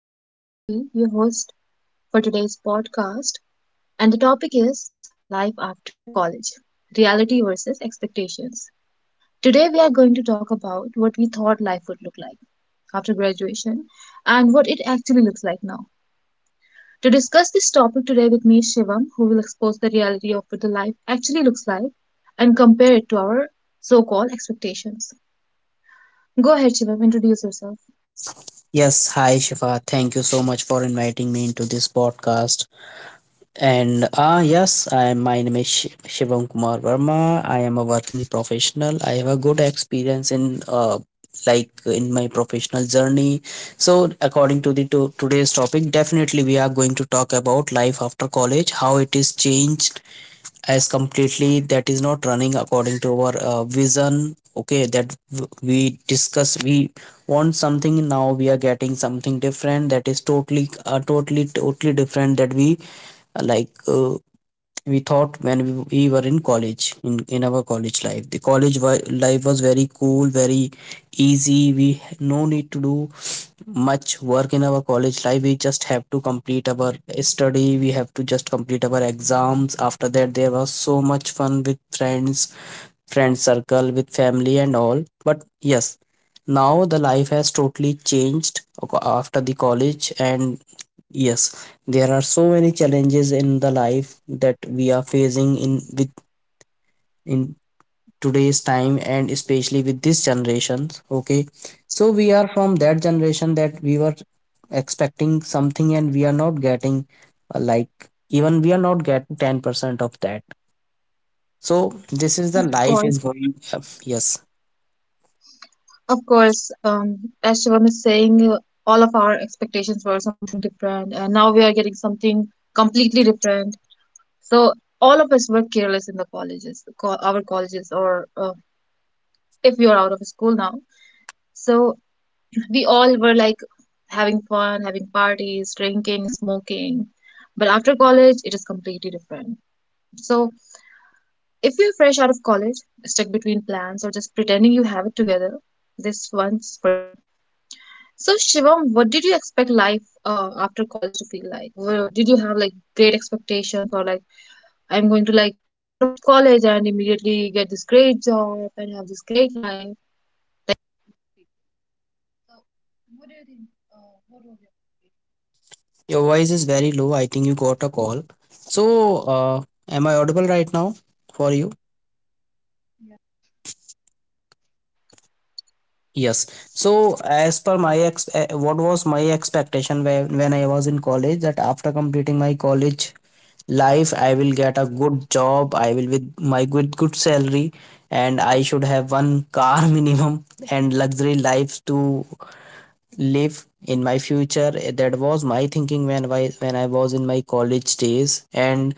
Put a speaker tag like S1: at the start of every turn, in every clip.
S1: I am Shifi, your host for today's podcast, and the topic is life after college reality versus expectations. Today, we are going to talk about what we thought life would look like after graduation and what it actually looks like now. To discuss this topic today with me is Shivam, who will expose the reality of what the life actually looks like and compare it to our so called expectations. Go ahead, Shivam, introduce yourself.
S2: Yes, hi Shifa. Thank you so much for inviting me into this podcast. And yes, I my name is Shivam Kumar Verma. I am a working professional. I have a good experience in like in my professional journey. So according to the to today's topic, definitely we are going to talk about life after college, how it is changed as completely, that is not running according to our vision, okay? That we discuss, we want something, now we are getting something different, that is totally totally different, that we uh, like uh, we thought. When we were in college, in our college life, the college life was very cool, very easy. We no need to do much work in our college life, we just have to complete our study, we have to just complete our exams. After that, there was so much fun with friends, friend circle, with family and all. But yes, now the life has totally changed after the college. And yes, there are so many challenges in the life that we are facing in with in today's time, and especially with this generation. Okay, so we are from that generation that we were expecting something and we are not getting uh, like even we are not getting 10% of that. So this is the life is going, yes.
S1: Of course, as Shivam is saying, all of our expectations were something different, and now we are getting something completely different. So all of us were careless in the colleges, our colleges, or if you are out of school now. So we all were like having fun, having parties, drinking, smoking. But after college, it is completely different. So if you're fresh out of college, stuck between plans, or just pretending you have it together, this one's for you. So Shivam, what did you expect life after college to feel like? Did you have like great expectations or like I'm going to like go out of college and immediately get this great job and have this great life?
S2: Your voice is very low. I think you got a call. So am I audible right now for you? Yes. So as per my what was my expectation when I was in college, that after completing my college life I will get a good job, I will with my good salary, and I should have one car minimum, and luxury life to live in my future. That was my thinking when I was in my college days. and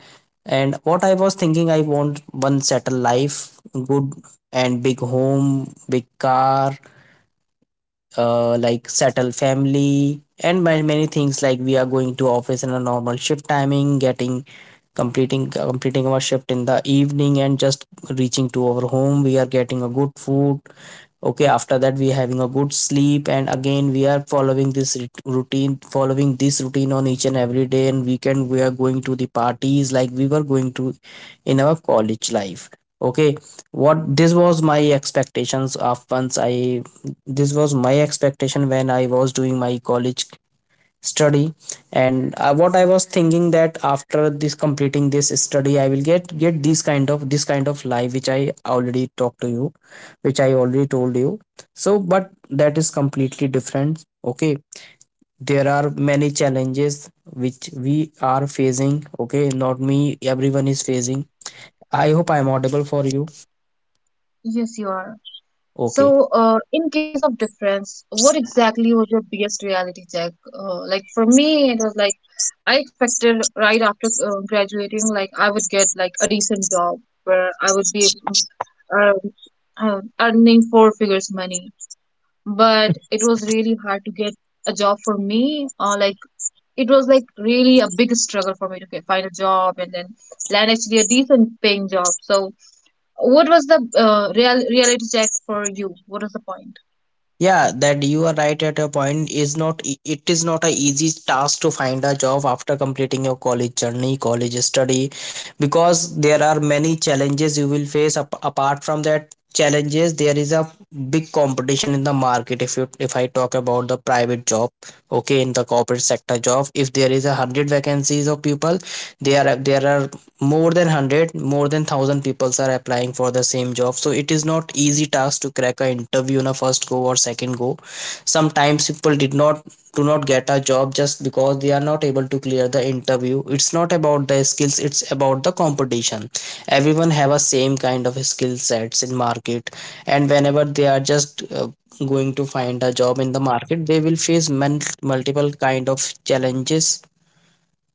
S2: and what I was thinking, I want one settled life, good and big home, big car, like settle family, and many, many things. Like, we are going to office in a normal shift timing, getting completing our shift in the evening, and just reaching to our home, we are getting a good food. Okay, after that we are having a good sleep, and again we are following this routine, following this routine on each and every day. And weekend, we are going to the parties like we were going to in our college life. Okay, what this was my expectations of once I this was my expectation when I was doing my college study. And what I was thinking, that after this completing this study I will get this kind of, this kind of life which I already talked to you, which I already told you. So but that is completely different. Okay, there are many challenges which we are facing, okay, not me, everyone is facing. I hope I am audible for you.
S1: Yes, you are.
S2: Okay.
S1: So, in case of difference, what exactly was your biggest reality check? Like for me, it was like I expected right after graduating, like I would get like a decent job where I would be uh, earning four figures money. But it was really hard to get a job for me. Like it was like really a big struggle for me to find a job and then land actually a decent paying job. So what was the real reality check for you? What was the point?
S2: Yeah, that you are right at a point, is not it is not a easy task to find a job after completing your college journey, college study, because there are many challenges you will face. Apart from that challenges, there is a big competition in the market, if you, if I talk about the private job. Okay, in the corporate sector job, if there is a 100 vacancies of people, there are more than 100, more than 1000 people are applying for the same job. So it is not easy task to crack a interview in a first go or second go. Sometimes people did not do not get a job just because they are not able to clear the interview. It's not about the skills, it's about the competition. Everyone have a same kind of skill sets in market, and whenever they are just going to find a job in the market, they will face multiple kind of challenges.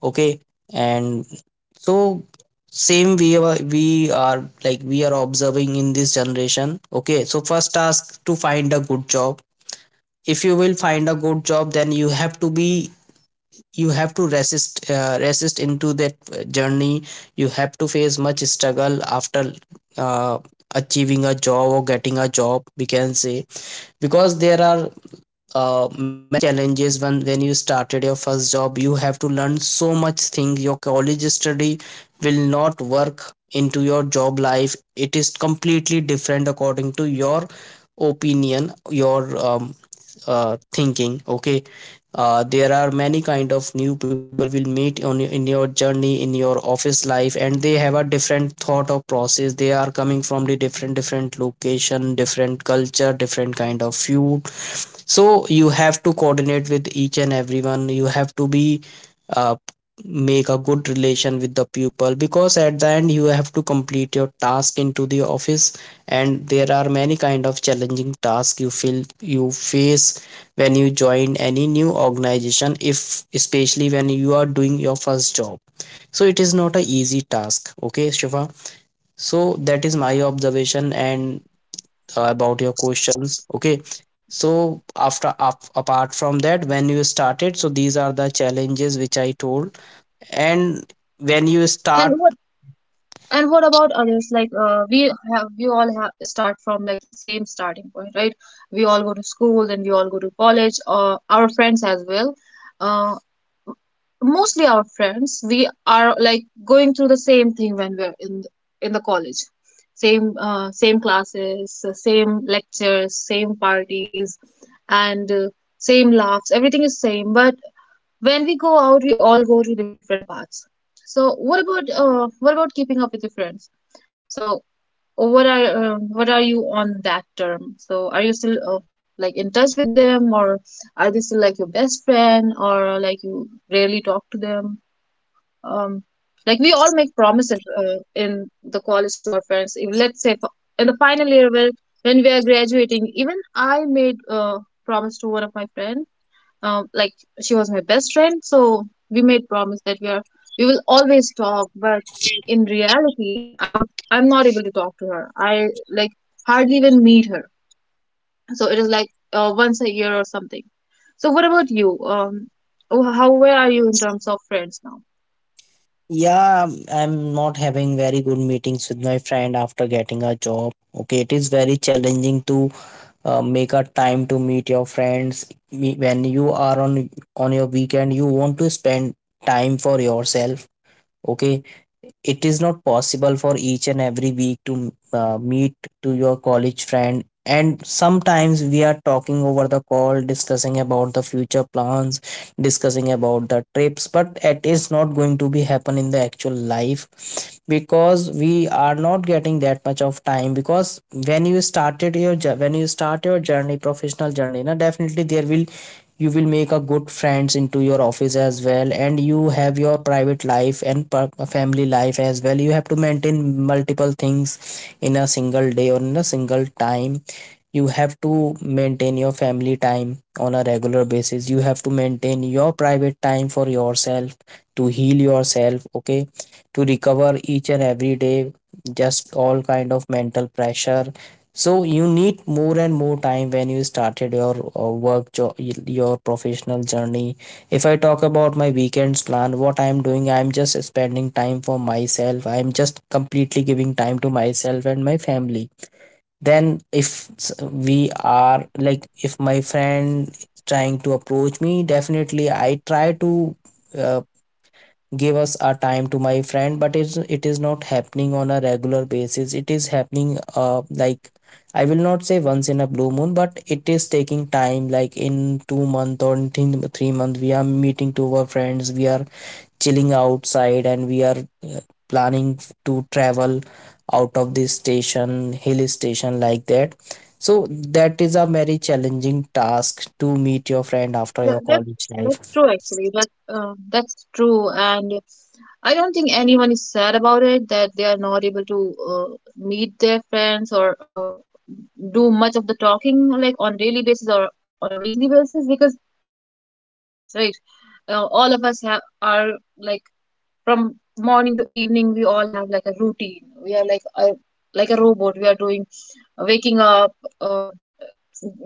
S2: Okay, and so, same we are, we are observing in this generation. Okay, so first task to find a good job. If you will find a good job, then you have to be, you have to resist, resist into that journey. You have to face much struggle after uh, achieving a job or getting a job, we can say. Because there are many challenges when you started your first job, you have to learn so much things. Your college study will not work into your job life, it is completely different according to your opinion, your um, thinking. Okay, there are many kind of new people you will meet on in your journey, in your office life, and they have a different thought of process. They are coming from the different, different location, different culture, different kind of food. So you have to coordinate with each and everyone, you have to be uh, make a good relation with the pupil, because at the end you have to complete your task into the office. And there are many kind of challenging tasks you feel, you face when you join any new organization, if especially when you are doing your first job. So it is not a easy task, okay Shiva. So that is my observation. And about your questions, okay. So after apart from that, when you started, so these are the challenges which I told. And when you
S1: And
S2: start.
S1: what and what about others? Like we all have start from like the same starting point, right? We all go to school, then we all go to college, or our friends as well. Uh, Mostly our friends we are like going through the same thing when we're in the college, same same classes, same lectures, same parties, and same laughs, everything is same, but when we go out we all go to the different paths. So what about keeping up with your friends? So what are you on that term? So are you still like in touch with them, or are they still like your best friend, or like you rarely talk to them? Um, like we all make promises in the college to our friends. Let's say in the final year where when we are graduating, even I made a promise to one of my friends. Um, like she was my best friend, so we made promise that we will always talk, but in reality I'm not able to talk to her. I like hardly even meet her. So it is like once a year or something. So what about you? Um, oh, how, where are you in terms of friends now?
S2: Yeah, I'm not having very good meetings with my friend after getting a job. Okay, it is very challenging to make a time to meet your friends. When you are on your weekend, you want to spend time for yourself. Okay, it is not possible for each and every week to meet to your college friend. And sometimes we are talking over the call, discussing about the future plans, discussing about the trips, but it is not going to be happen in the actual life, because we are not getting that much of time. Because when you started your, when you start your journey, professional journey now, definitely there will, you will make a good friends into your office as well, and you have your private life and family life as well. You have to maintain multiple things in a single day or in a single time. You have to maintain your family time on a regular basis, you have to maintain your private time for yourself to heal yourself, okay, to recover each and every day just all kind of mental pressure. So you need more and more time when you started your work your professional journey. If I talk about my weekends plan, what I am doing, I am just spending time for myself, I am just completely giving time to myself and my family. Then if we are like if my friend is trying to approach me, definitely I try to uh, give us a time to my friend. But it is not happening on a regular basis, it is happening like, I will not say once in a blue moon, but it is taking time like in 2 month or in 3 month we are meeting to our friends. We are chilling outside, and we are uh, planning to travel out of this station, hill station, like that. So that is a very challenging task to meet your friend after
S1: Yeah,
S2: your
S1: that
S2: college
S1: that's
S2: life.
S1: true actually. That that's true, and I don't think anyone is sad about it that they are not able to meet their friends, or do much of the talking like on daily basis or on a weekly basis, because we all have our lives, right? All of us have are like from morning to evening we all have like a routine. We are like a robot. We are doing waking up, uh,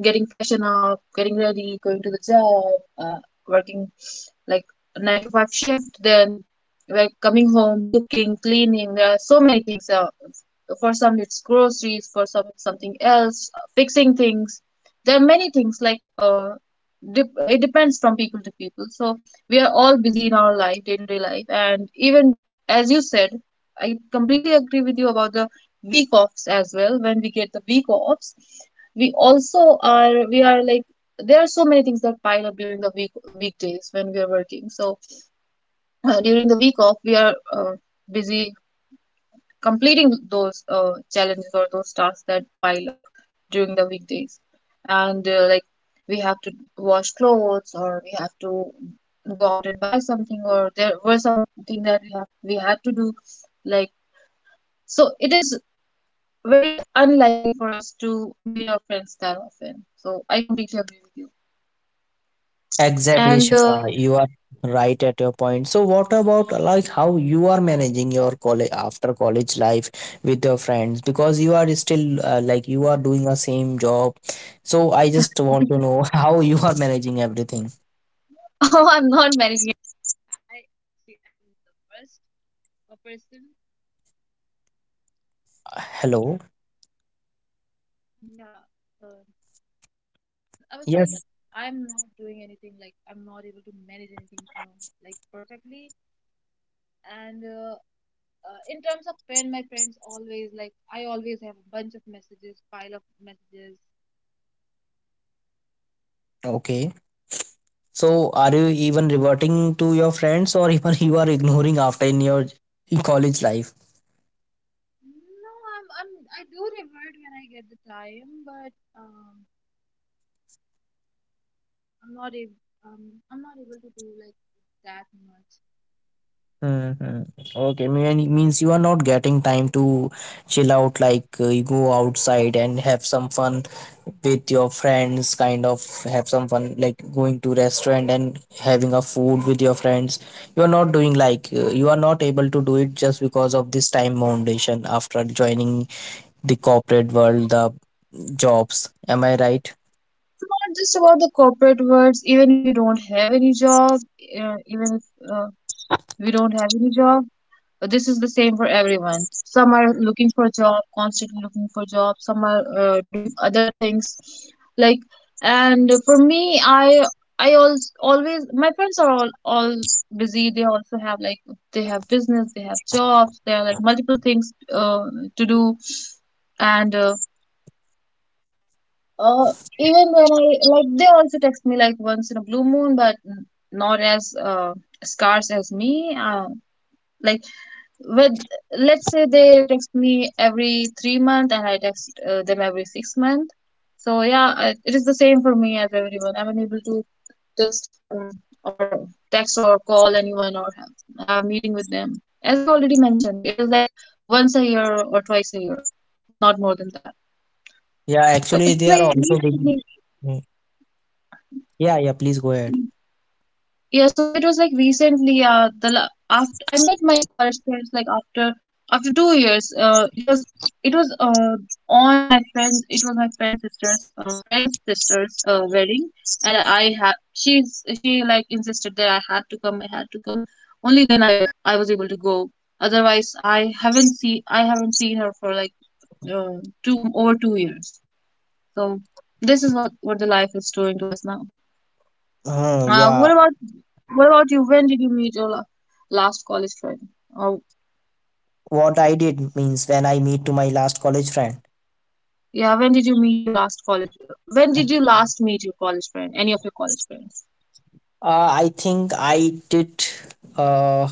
S1: getting freshen up, getting ready, going to the job, uh, working like a nine to five shift, then like coming home, cooking, cleaning. There are so many things. For some, it's groceries. For some, it's something else. Fixing things. There are many things. Like dep it depends from people to people. So we are all busy in our life, day to day life, and even as you said, I completely agree with you about the week offs as well. When we get the week offs, we are like there are so many things that pile up during the weekdays when we are working. So during the week off we are busy completing those challenges or those tasks that pile up during the weekdays, and like we have to wash clothes, or we have to go out and buy something, or there were something that we had to do, like. So it is very unlikely for us to meet our friends that often, so I completely agree with you,
S2: Exactly,
S1: and
S2: Shifa, you are right at your point. So what about, like, how you are managing your college, after college life with your friends, because you are still like, you are doing a same job. So I just want to know how you are managing everything. Hello. Yes. Okay. So are you even reverting to your friends, or even you are ignoring after in your college life? Hmm. Okay, means you are not getting time to chill out, like you go outside and have some fun with your friends, kind of have some fun, like going to restaurant and having a food with your friends. You are not doing like you are not able to do it just because of this time foundation after joining the corporate world, the jobs. Am I right?
S1: not just about the corporate words, even if you don't have any job, even if we don't have any job, but this is the same for everyone. Some are looking for a job, constantly looking for job. Some are doing other things, like. And for me, I also always my friends are all busy. They also have like they have business, they have jobs, they are like multiple things to do, and. Uh, Even when I like, they also text me like once in a blue moon, but not as scarce as me. Like with, let's say they text me every 3 month and I text them every 6 month. So yeah, it is the same for me as everyone. I'm unable to text or text or call anyone, or have a meeting with them. As I already mentioned, it is like once a year or twice a year, not more than that.
S2: Yeah,
S1: So it
S2: actually,
S1: was
S2: they
S1: like
S2: are also big.
S1: recently.
S2: Mm. Yeah, yeah, please go ahead.
S1: Yeah, so it was like recently, after I met my college friends like after 2 years. It was on my friend's it was my friend's sister's wedding, and I had she's she like insisted that I had to come. Only then I was able to go. Otherwise, I haven't seen her for like uh, 2 years. So this is what the life is doing to us now.
S2: Hmm,
S1: Uh, what
S2: yeah,
S1: about what about you? When did you meet your la last college friend? Or
S2: what I did means when I meet to my last college friend.
S1: yeah, when did you meet your last college? When did you last meet your college friend? Any of your college friends?
S2: I think I did. Uh,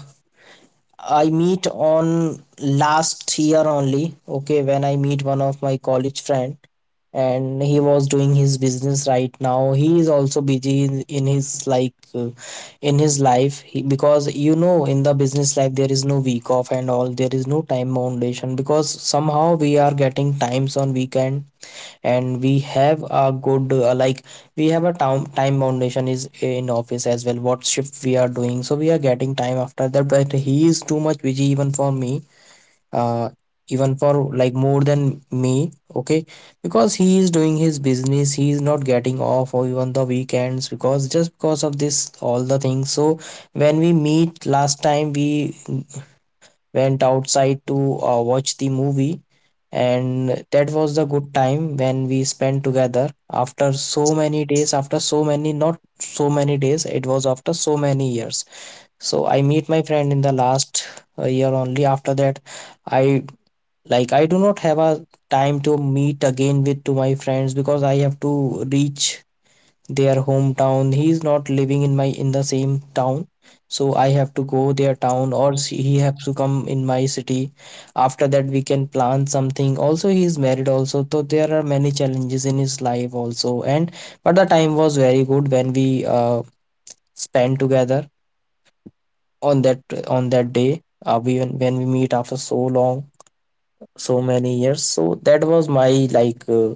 S2: I meet on last year only. Okay, when I meet one of my college friend. And he was doing his business right now. He is also busy in his like in his life he, because you know in the business life there is no week off and all, there is no time foundation because somehow we are getting times on weekend. And we have a good we have a time foundation is in office as well, what shift we are doing, so we are getting time after that. But he is too much busy even for me, uh, even for like more than me. Okay, because he is doing his business, he is not getting off or even the weekends, because just because of this all the things. So when we meet last time, we went outside to watch the movie, and that was the good time when we spent together after so many days, after so many, not so many days, it was after so many years. So I meet my friend in the last year only. After that, I like, I do not have a time to meet again with to my friends because I have to reach their hometown. He is not living in my, in the same town, so I have to go their town or he has to come in my city. After that we can plan something also. He is married also, so there are many challenges in his life also. And but the time was very good when we spent together on that on that day, we when we meet after so long, so many years. So that was my like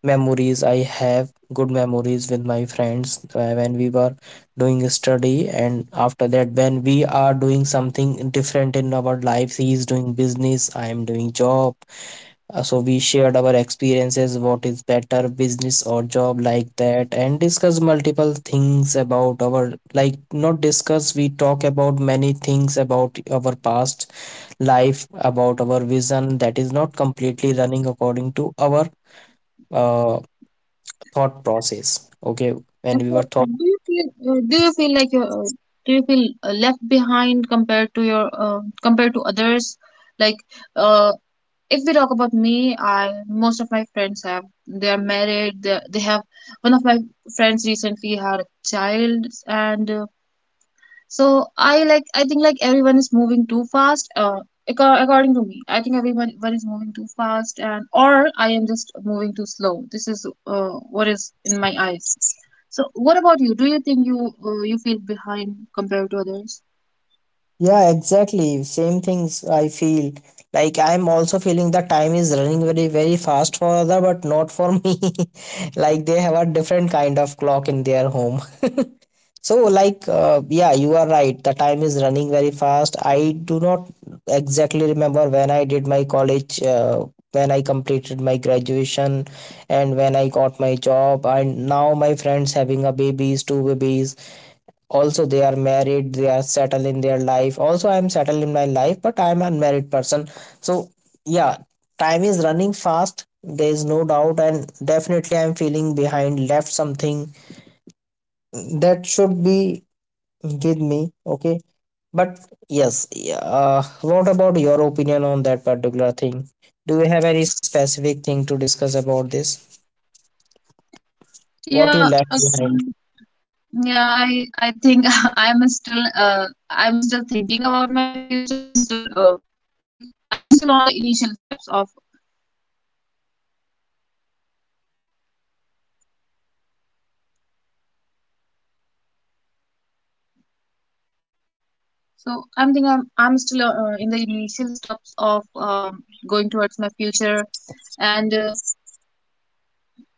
S2: memories. I have good memories with my friends when we were doing a study, and after that when we are doing something different in our lives. He is doing business, I am doing job. So we shared our experiences, what is better, business or job, like that, and discuss multiple things about our, like, not discuss, we talk about many things about our past life, about our vision that is not completely running according to our uh, thought process. Okay, when we
S1: And
S2: were
S1: so,
S2: thought.
S1: do you feel like you're do you feel left behind compared to your compared to others? Like, uh, if we talk about me, I most of my friends have they are married. They have one of my friends recently had a child, and so I like I think like everyone is moving too fast. According to me, I think everyone one is moving too fast, and or I am just moving too slow. This is what is in my eyes. So what about you? Do you think you you feel behind compared to others?
S2: Yeah, exactly. Same things I feel. Like I'm also feeling the time is running very, very fast for other, but not for me. Like they have a different kind of clock in their home. So like yeah, you are right. The time is running very fast. I do not exactly remember when I did my college, when I completed my graduation, and when I got my job. And now my friends having a babies, two babies also. They are married, they are settled in their life also. I am settled in my life, but I am an unmarried person. So yeah, time is running fast, there is no doubt, and definitely I am feeling behind, left something that should be with me. Okay, but yes, yeah, what about your opinion on that particular thing? Do you have any specific thing to discuss about this, what you
S1: Yeah,
S2: left behind?
S1: actually, yeah, I think I'm still thinking about my future. I'm still like I'm still on the initial steps of. So I'm still in the initial steps of going towards my future, and uh,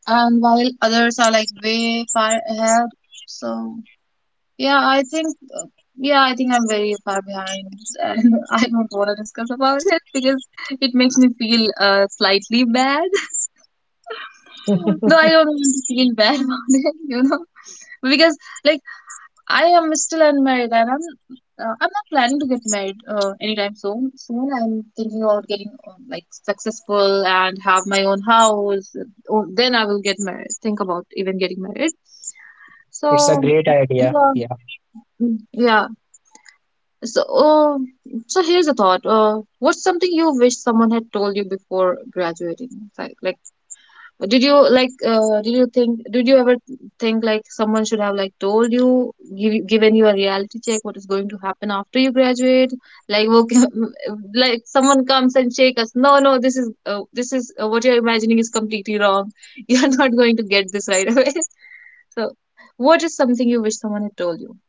S1: and while others are like way far ahead. So yeah, I think uh, yeah, I think I'm very far behind, and I don't want to discuss about it, because it makes me feel slightly bad. Though I don't want to feel bad about it, you know, because like I am still unmarried, and I'm not planning to get married anytime soon. Soon, I'm thinking about getting like successful and have my own house. Or then I will get married. Think about even getting married.
S2: It's a
S1: So
S2: great idea.
S1: yeah, mm, yeah. So so here's a thought. What's something you wish someone had told you before graduating? Like like did you like? Did you ever think like someone should have like told you, given you a reality check, what is going to happen after you graduate? Like, work, like someone comes and shake us. No, no, this is what you're imagining is completely wrong. You are not going to get this right away. So, what is something you wish someone had told you?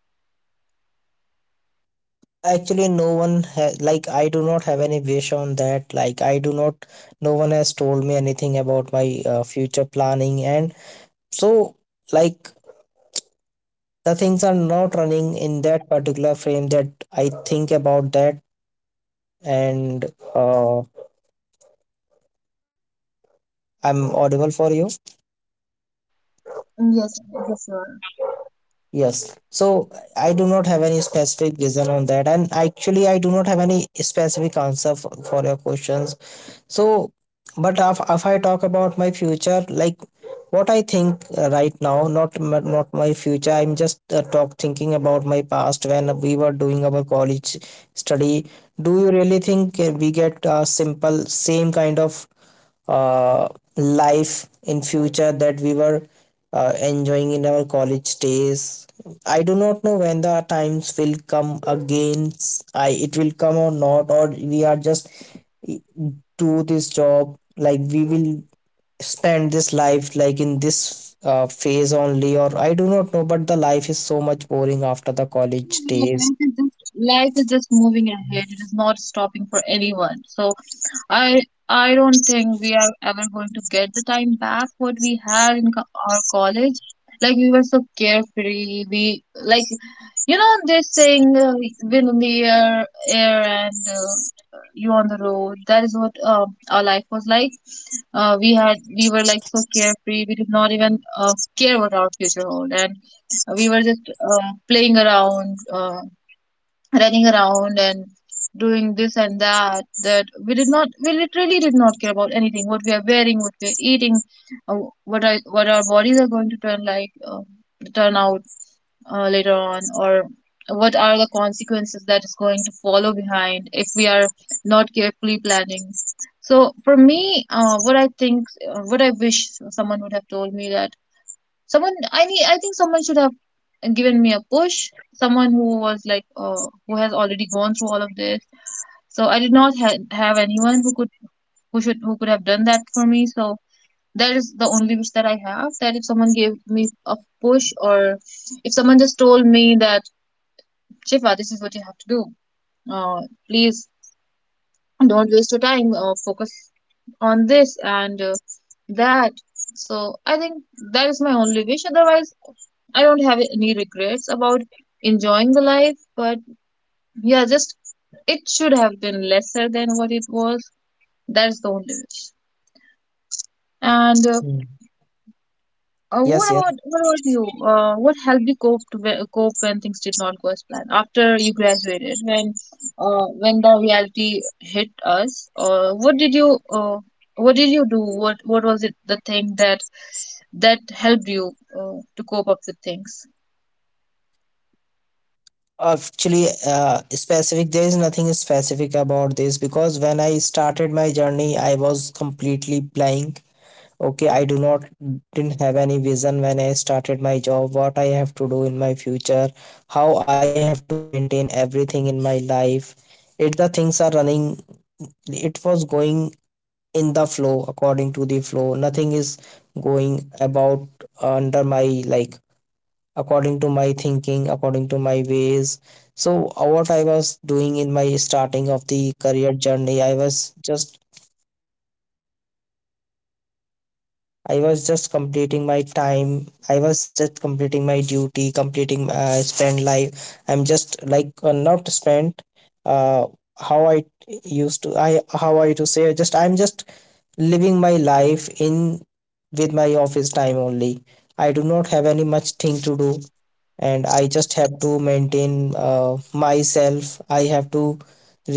S2: Actually no one has, like I do not have any wish on that, like I do not, no one has told me anything about my future planning. And so like the things are not running in that particular frame that I think about that. And uh, I'm audible for you?
S1: Yes, yes.
S2: Yes, so I do not have any specific vision on that, and actually I do not have any specific answer for your questions. So but if I talk about my future, like what I think right now, not not my future, I'm just talk thinking about my past when we were doing our college study. Do you really think we get a simple, same kind of uh, life in future that we were enjoying in our college days? I do not know when the times will come again. I it will come or not, or we are just e, do this job, like we will spend this life like in this phase only, or I do not know. But the life is so much boring after the college
S1: Yeah,
S2: days.
S1: Life is just moving ahead. It is not stopping for anyone. So I I don't think we are ever going to get the time back what we had in co our college. Like we were so carefree. We like, you know they're saying, wind in the air, and you on the road. That is what our life was like. We were like so carefree. We did not even care what our future hold. And we were just playing around, running around and doing this and that, that we did not, we literally did not care about anything, what we are wearing, what we are eating, uh, what our bodies are going to turn like, turn out later on, or what are the consequences that is going to follow behind if we are not carefully planning. So for me, what I think, what I wish someone would have told me that Someone I need I think someone should have given me a push. Someone who was like, who has already gone through all of this. So I did not have anyone who could, who could have done that for me. So that is the only wish that I have. That if someone gave me a push, or if someone just told me that Shifa, this is what you have to do. Uh, Please don't waste your time, focus on this and that. So I think that is my only wish. Otherwise, I don't have any regrets about enjoying the life, but yeah, just it should have been lesser than what it was. That's the only wish. And
S2: Mm.
S1: What
S2: Yes, yes.
S1: about what about you? What helped you cope to, cope when things did not go as planned after you graduated? When the reality hit us, what did you, what did you do? What was it the thing that that helped you to cope up with things?
S2: Actually specific, there is nothing specific about this because when I started my journey I was completely blank. Okay, I do not, didn't have any vision when I started my job, what I have to do in my future, how I have to maintain everything in my life. It, the things are running, it was going in the flow, according to the flow. Nothing is going about under my, like, according to my thinking, according to my ways. So what I was doing in my starting of the career journey, I was just, I was just completing my time, I was just completing my duty, completing spend life, I'm just like, not spent, uh, how I used to, I how I to say, just I'm just living my life in, with my office time only. I do not have any much thing to do, and I just have to maintain myself. I have to,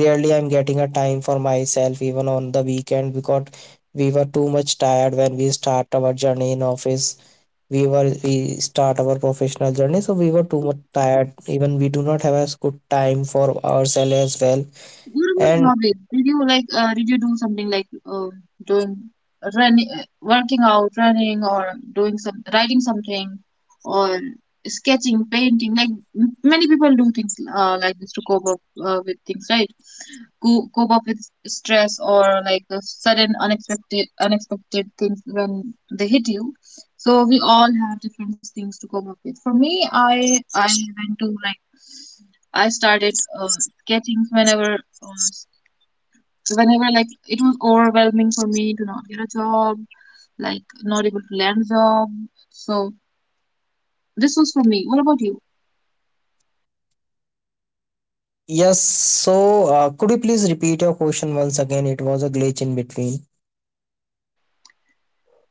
S2: rarely I'm getting a time for myself even on the weekend, because we were too much tired when we start our journey in office. We start our professional journey, so we were too much tired. Even we do not have as good time for ourselves as well.
S1: What about
S2: And
S1: hobbies? Did you like? Did you do something like doing running, working out, running, or doing some writing something, or sketching, painting? Like many people do things, like this to cope up, with things, right? Cope up with stress, or like the sudden unexpected things when they hit you. So we all have different things to cope up with. For me, I went to like I started sketching whenever was, whenever like it was overwhelming for me to not get a job, like not able to land a job. So this was for me. What about you?
S2: yes, so could you please repeat your question once again? It was a glitch in between.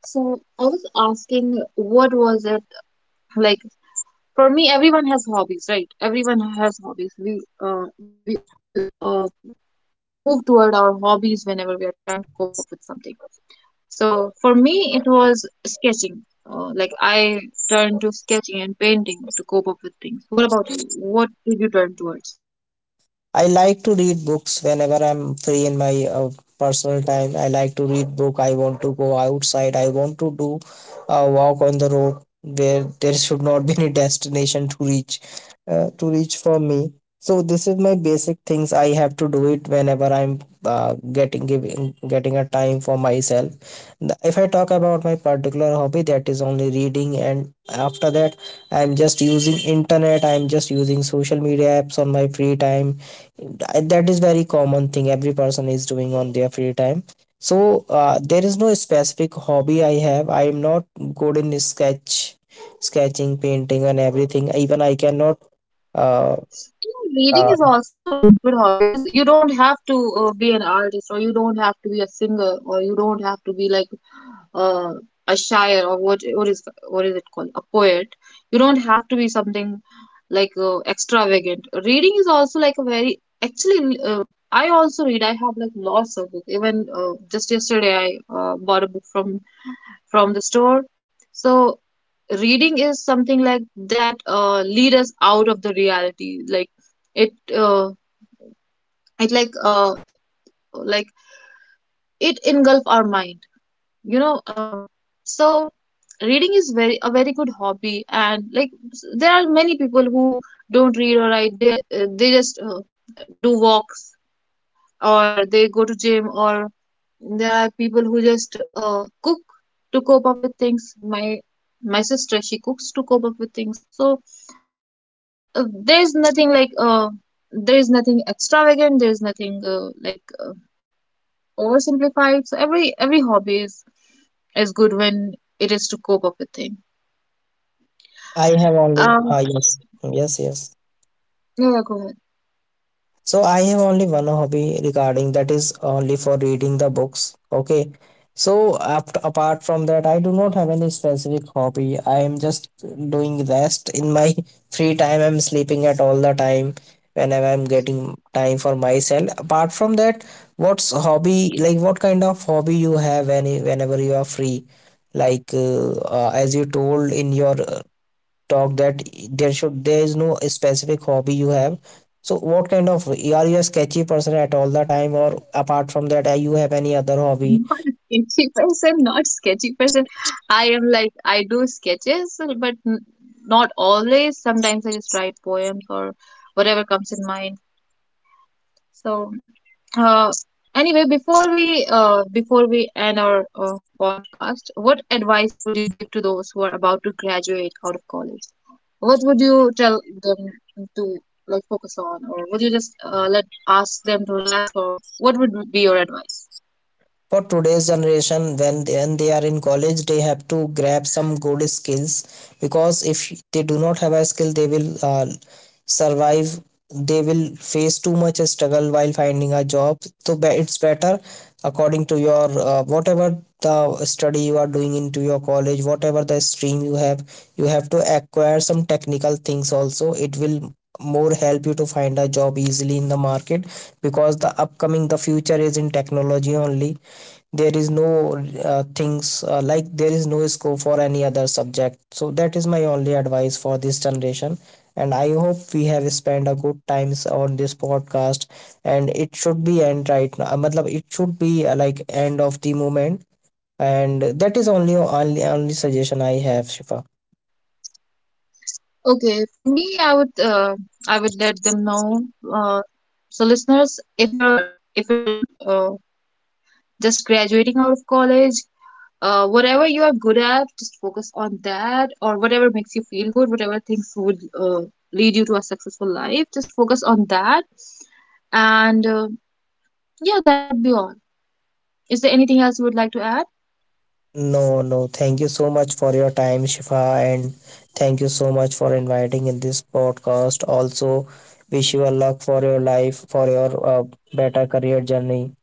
S1: So I was asking, what was it like? For me, everyone has hobbies, right? Everyone has hobbies. We all uh, like move toward our hobbies whenever we are trying to cope up with something. So for me, it was sketching. Like I turned to sketching and painting to cope up with things. What about you? What did you turn towards?
S2: I like to read books whenever I'm free in my personal time. I like to read book. I want to go outside. I want to do a walk on the road where there should not be any destination to reach, to reach for me. So this is my basic things. I have to do it whenever I'm getting a time for myself. If I talk about my particular hobby, that is only reading. And after that, I'm just using internet, I'm just using social media apps on my free time. That is very common thing every person is doing on their free time. So there is no specific hobby I have. I am not good in sketching, painting and everything. Even I cannot uh,
S1: Reading
S2: uh,
S1: is also a good hobby. It is, you don't have to be an artist, or you don't have to be a singer, or you don't have to be like, uh, a shire, or what is what is it called? A poet. You don't have to be something like, extravagant. Reading is also like a very actually. I also read. I have like lots of books. Even just yesterday, I bought a book from the store. So reading is something like that lead us out of the reality. Like it, it like, like it engulf our mind. You know, so reading is very a very good hobby, and like there are many people who don't read or write. They just do walks, or they go to gym, or there are people who just cook to cope up with things. My sister, she cooks to cope up with things. So there's nothing like, there's nothing extravagant. There's nothing like oversimplified. So every hobby is good when it is to cope up with things.
S2: I have only
S1: Um,
S2: yes, yes, yes.
S1: yeah, go ahead.
S2: So I have only one hobby regarding that, is only for reading the books. Okay, so after, apart from that, I do not have any specific hobby. I am just doing rest in my free time. I'm sleeping at all the time whenever I'm getting time for myself. Apart from that, what's hobby like? What kind of hobby you have any whenever you are free? Like as you told in your talk that there should, there is no specific hobby you have. So what kind of, are you a sketchy person at all the time, or apart from that you have any other hobby?
S1: Not a sketchy person, not sketchy person. I am like I do sketches, but not always. Sometimes I just write poems or whatever comes in mind. So, uh, anyway, before we end our podcast, what advice would you give to those who are about to graduate out of college? What would you tell them to like focus on, or would you just let ask them to relax, or what would be your advice?
S2: For today's generation, when they are in college, they have to grab some good skills. Because if they do not have a skill, they will survive, they will face too much struggle while finding a job. So it's better, according to your whatever the study you are doing into your college, whatever the stream you have, you have to acquire some technical things also. It will more help you to find a job easily in the market, because the upcoming, the future is in technology only. There is no things like, there is no scope for any other subject. So that is my only advice for this generation. And I hope we have spent a good times on this podcast, and it should be end right now, matlab it should be like end of the moment. And that is only, only, only suggestion I have, Shifa.
S1: Okay, for me, I would, I would let them know. Uh, so, listeners, if you're uh, just graduating out of college, whatever you are good at, just focus on that, or whatever makes you feel good, whatever things would lead you to a successful life, just focus on that. And Yeah, that would be all. Is there anything else you would like to add?
S2: No, no. Thank you so much for your time, Shifa, and thank you so much for inviting in this podcast. Also, wish you a luck for your life, for your better career journey.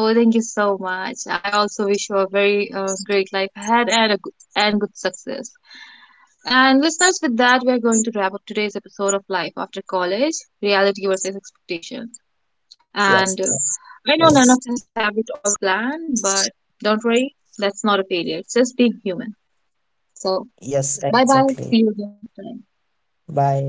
S1: Oh, thank you so much. I also wish you a very great life ahead and a good, and good success. And listeners, with that, we are going to wrap up today's episode of Life After College, Reality versus Expectation.
S2: Yes,
S1: And
S2: yes,
S1: I know none of
S2: yes,
S1: us have it all planned, but don't worry, that's not a failure. It's just being human. So,
S2: yes,
S1: bye
S2: exactly.
S1: bye. See you again next time.
S2: Bye.